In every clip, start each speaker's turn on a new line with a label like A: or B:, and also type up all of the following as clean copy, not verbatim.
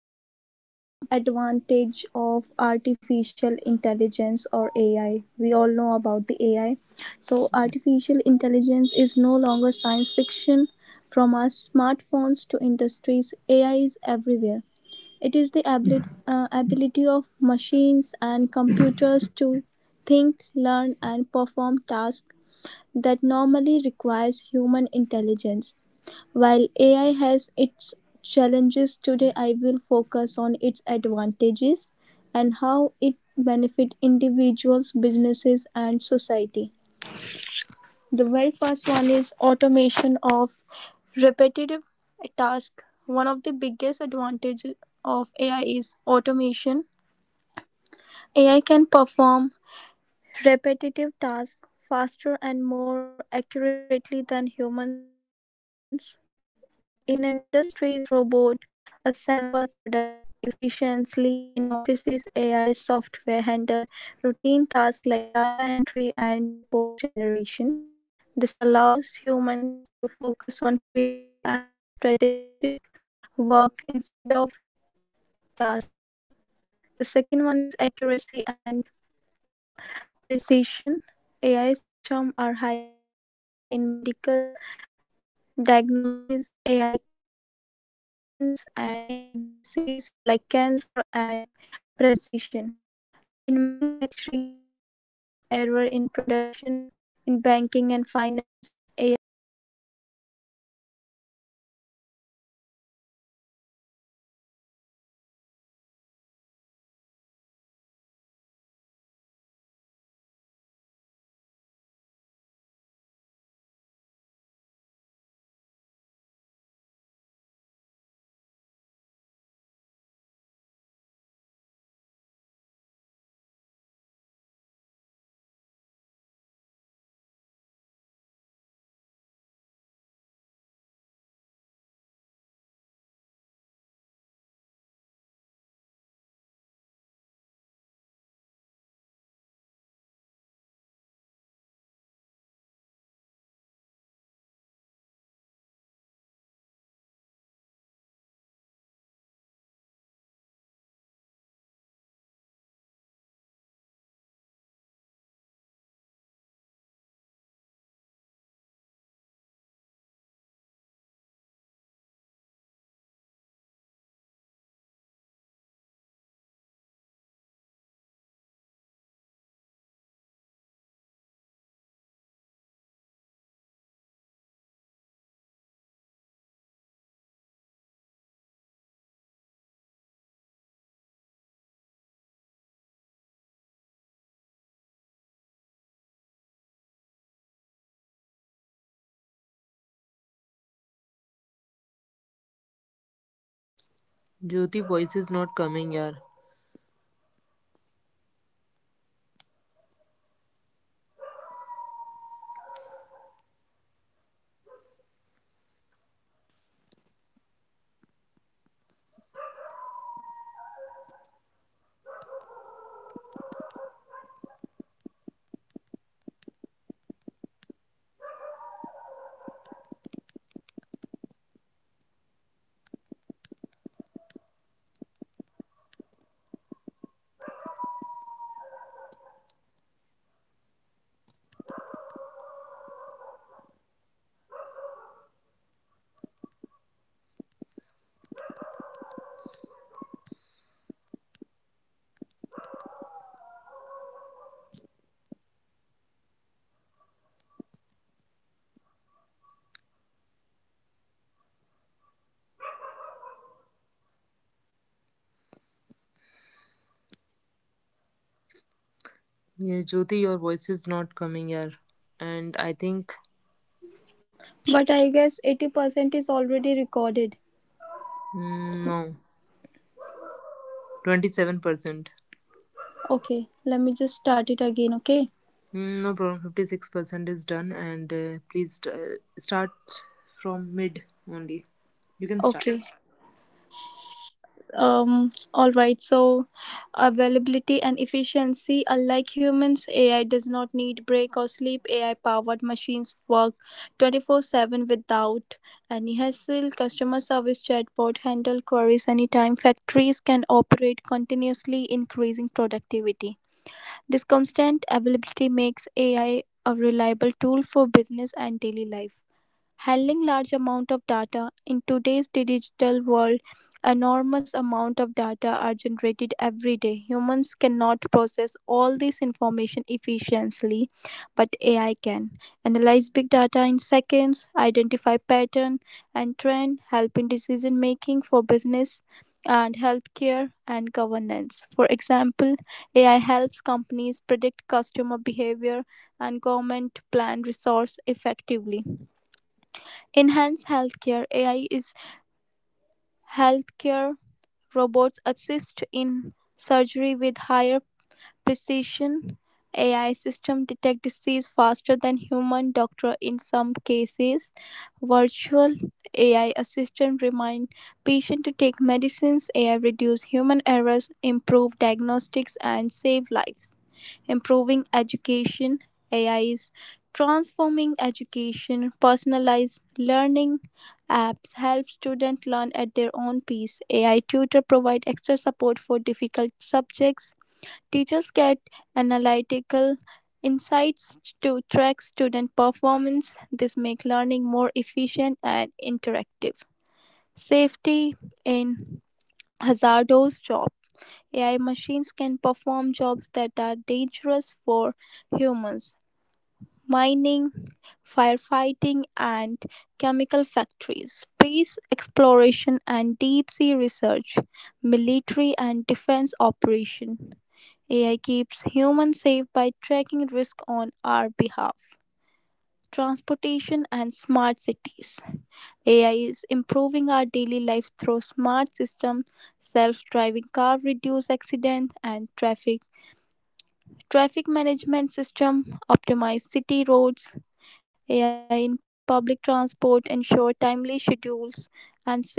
A: Which is advantage of artificial intelligence or AI. We all know about the AI. So artificial intelligence is no longer science fiction. From our smartphones to industries, AI is everywhere. It is the ability of machines and computers to think, learn, and perform tasks that normally requires human intelligence. While AI has its challenges today, I will focus on its advantages and how it benefit individuals, businesses, and society. The very first one is automation of repetitive tasks. One of the biggest advantages of AI is automation. AI can perform repetitive tasks faster and more accurately than humans. In industries robots assemble products efficiently, in offices AI software handles routine tasks like data entry and report generation. This allows humans to focus on creative and strategic work instead of task. The second one is accuracy and precision. AI systems are highly accurate in medical diagnosis. AI can analyze scans and detect disease like cancer and precision. In manufacturing, AI reduces error in production. In banking and finance, AI detects fraudulent transaction accuracy, reduces losses, improves efficiency and saves human lives. Third is availability and efficiency. Unlike human, AI does not need breaks or sleep. AI powered machine work 24/7 without any hassle. Customer service chatbots handle queries anytime. Factories can operate continuously, increasing productivity. This constant availability makes AI a reliable tool for business and daily life. Handling large amount of data. In today's digital world, enormous amounts of data are generated every day. Humans cannot process all this information efficiently, but AI can analyze big data in seconds, identify patterns and trends, help in decision making for businesses, healthcare, and governance. For example, AI helps companies predict customer behavior and governments plan resources effectively, enhancing healthcare. AI is revolutionizing healthcare. Robot assist in surgery with higher precision. AI system detect disease faster than human doctor in some cases. Virtual AI assistant remind patient to take medicines. AI reduce human error, improves diagnostics and save lives.
B: Jyoti voice is not coming
A: Improving
B: yaar.
A: education.
B: Yeah, Jyoti your voice is not coming yaar. And I think
A: But I guess 80% is already recorded.
B: mm, no 27%. Mm,
A: Okay, let me just start it again, okay?
B: no problem 56% is done and please, start from mid only. You can start.
A: Okay. All right. So availability and efficiency, unlike humans, AI does not need break or sleep. AI powered machines work 24/7 without any hassle. Customer service chatbot handle queries anytime. Factories can operate continuously, increasing productivity. This constant availability makes AI a reliable tool for business and daily life. Handling large amount of data. In today's digital world, enormous amount of data are generated every day. Humans cannot process all this information efficiently, but AI can analyze big data in seconds, identify pattern and trend, help in decision making for business and healthcare and governance. For example, AI helps companies predict customer behavior and government plan resource effectively. Enhance healthcare. AI is healthcare. Robots assist in surgery with higher precision. AI system detect disease faster than human doctor in some cases. Virtual AI assistant remind patient to take medicines. AI reduce human errors, improve diagnostics and save lives. Improving education. AI is transforming education. Personalized learning apps help students learn at their own pace. AI tutor provide extra support for difficult subjects. Teachers get analytical insights to track student performance. This makes learning more efficient and interactive. Safety in hazardous jobs. AI machines can perform jobs that are dangerous for humans. Mining, firefighting, and chemical factories, space exploration and deep sea research, military and defense operation. AI keeps humans safe by tracking risk on our behalf. Transportation and smart cities. AI is improving our daily life through smart systems. Self-driving car reduce accident and traffic. Traffic management system optimize city roads. AI in public transport ensure timely schedules and safely.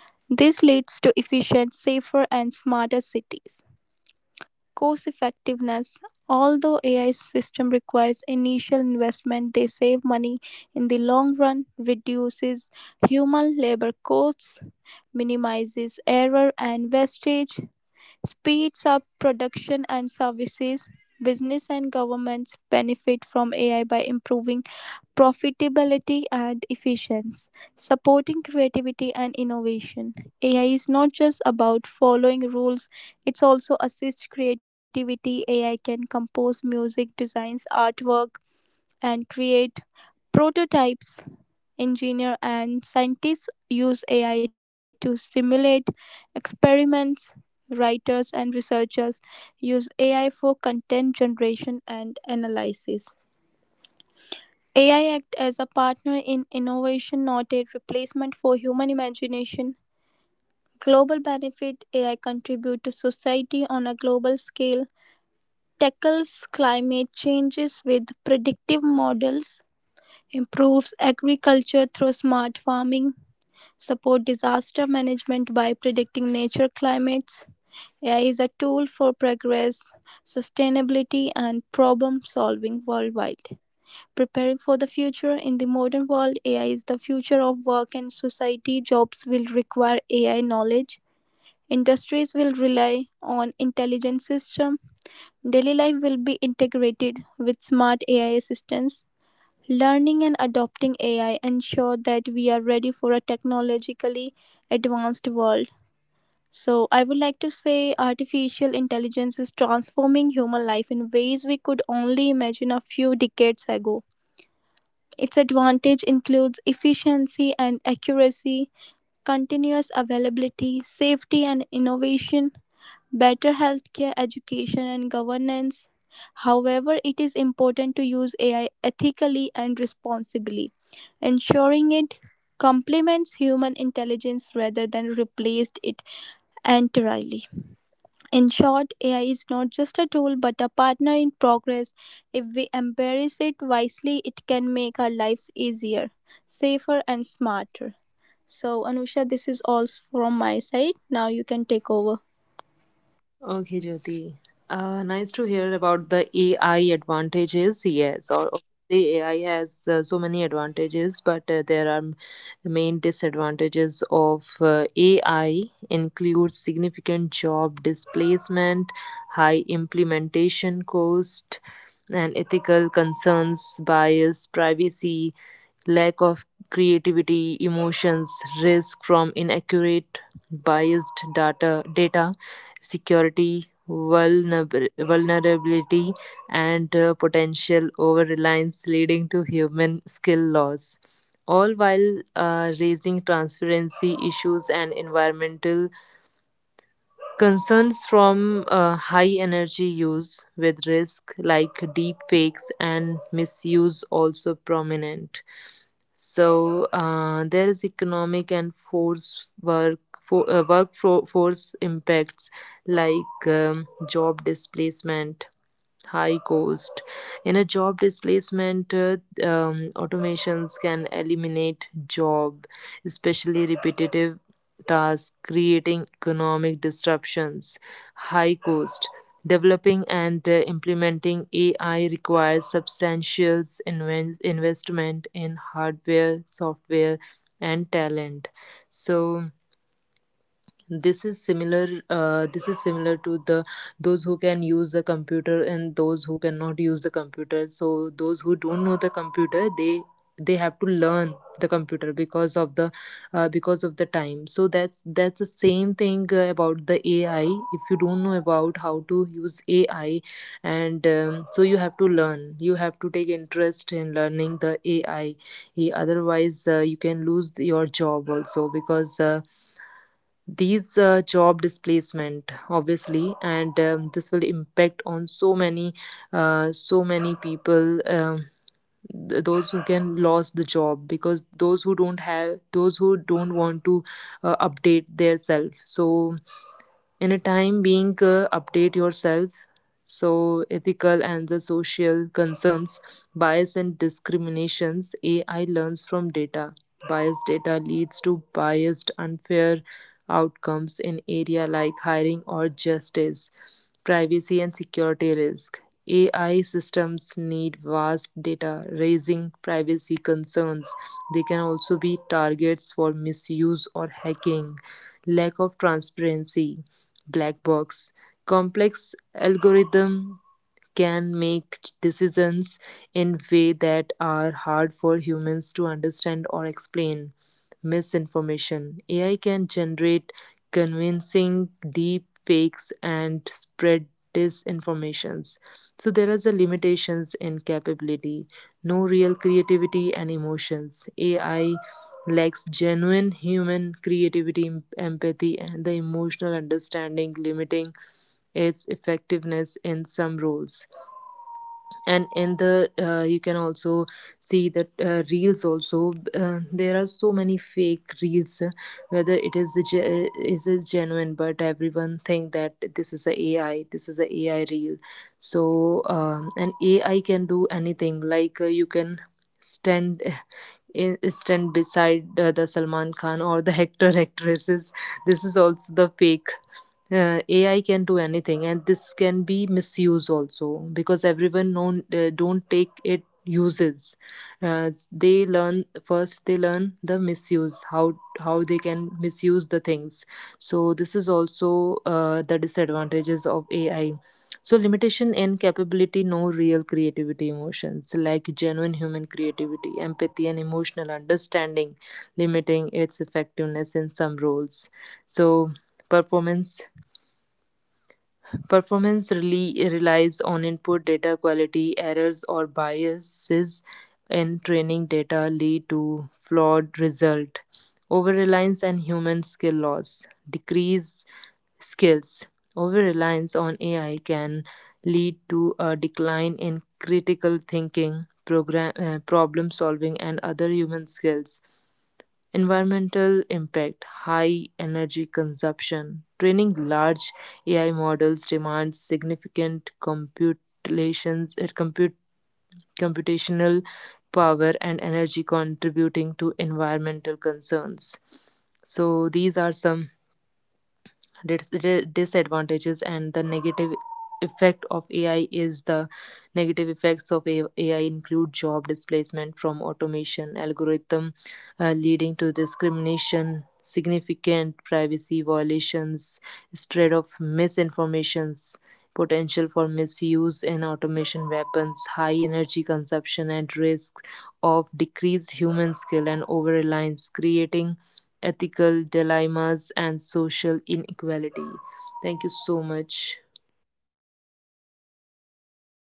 A: This leads to efficient, safer and smarter cities. Cost effectiveness. Although AI system requires initial investment, they save money in the long run, reduces human labor costs, minimizes error and wastage, speeds up production and services. Business and governments benefit from AI by improving profitability and efficiency, supporting creativity and innovation. AI is not just about following rules, it's also assists creativity. AI can compose music, designs artwork, and create prototypes. Engineer and scientists use AI to simulate experiments. Writers and researchers use AI for content generation analysis. AI act as a partner in innovation, not a replacement for human imagination. Global benefit. AI contribute to society on a global scale, tackles climate changes with predictive models, improves agriculture through smart farming, support disaster management by predicting nature climates. AI is a tool for progress, sustainability and problem solving worldwide. Preparing for the future. In the modern world, AI is the future of work and society. Jobs will require AI knowledge. Industries will rely on intelligent systems. Daily life will be integrated with smart AI assistants. Learning and adopting AI ensure that we are ready for a technologically advanced world. So I would like to say artificial intelligence is transforming human life in ways we could only imagine a few decades ago. Its advantage includes efficiency and accuracy, continuous availability, safety and innovation, better healthcare education and governance. However, it is important to use AI ethically and responsibly, ensuring it complements human intelligence rather than replaced it entirely. In short, AI is not just a tool but a partner in progress. If we embrace it wisely, it can make our lives easier, safer, and smarter. So, Anusha, this is all from my side. Now you can take over.
B: Okay, Jyoti. Nice to hear about the AI advantages. Yes, or obviously AI has, so many advantages, but there are main disadvantages of AI include significant job displacement, high implementation cost, and ethical concerns, bias, privacy, lack of creativity, emotions, risk from inaccurate, biased data security, vulnerability, and, potential over reliance, leading to human skill loss, all while, raising transparency issues and environmental concerns from, high energy use, with risk like deep fakes and misuse also prominent. So, there is economic and force work for workforce impacts like job displacement, high cost. In a job displacement, automations can eliminate job, especially repetitive tasks, creating economic disruptions. High cost. Developing and, implementing AI requires substantial investment in hardware, software, and talent. So this is similar to, the those who can use the computer and those who cannot use the computer. So those who don't know the computer, they have to learn the computer because of the time. So that's the same thing, about the AI. If you don't know about how to use AI, and so you have to learn, you have to take interest in learning the AI. Otherwise, you can lose your job also, because, these, job displacement, obviously. And this will impact on so many, so many people, those who can lose the job, because those who don't have, those who don't want to, update their self. So in a time being, update yourself. So ethical and the social concerns, bias and discriminations. AI learns from data. Biased data leads to biased unfair outcomes in area like hiring or justice. Privacy and security risk. AI systems need vast data, raising privacy concerns. They can also be targets for misuse or hacking. Lack of transparency, black box. Complex algorithm can make decisions in way that are hard for humans to understand or explain. Misinformation. AI can generate convincing deep fakes and spread disinformations. So there is a limitations in capability, no real creativity and emotions. AI lacks genuine human creativity, empathy, and the emotional understanding, limiting its effectiveness in some roles. And in the, you can also see that, reels also, there are so many fake reels, whether it is a ge- is it genuine? But everyone think that this is a AI, this is a AI reel. So an AI can do anything, like, you can stand in, stand beside, the Salman Khan or the actor actresses. This is also the fake. AI can do anything, and this can be misused also, because everyone known, don't take it uses. They learn first. They learn the misuse, how they can misuse the things. So this is also, the disadvantages of AI. So limitation in capability, no real creativity emotions, like genuine human creativity, empathy, and emotional understanding, limiting its effectiveness in some roles. So performance Performance really relies on input data quality, errors, or biases in training data lead to flawed result. Over-reliance and human skill loss, decrease skills. Over-reliance on AI can lead to a decline in critical thinking, problem solving, and other human skills. Environmental impact, high energy consumption. Training large AI models demands significant computational power and energy, contributing to environmental concerns. So these are some disadvantages. And the negative effect of AI is, the negative effects of AI include job displacement from automation algorithm, leading to discrimination, significant privacy violations, spread of misinformations, potential for misuse and automation weapons, high energy consumption, and risk of decreased human skill and over reliance, creating ethical dilemmas, and social inequality. Thank you so much.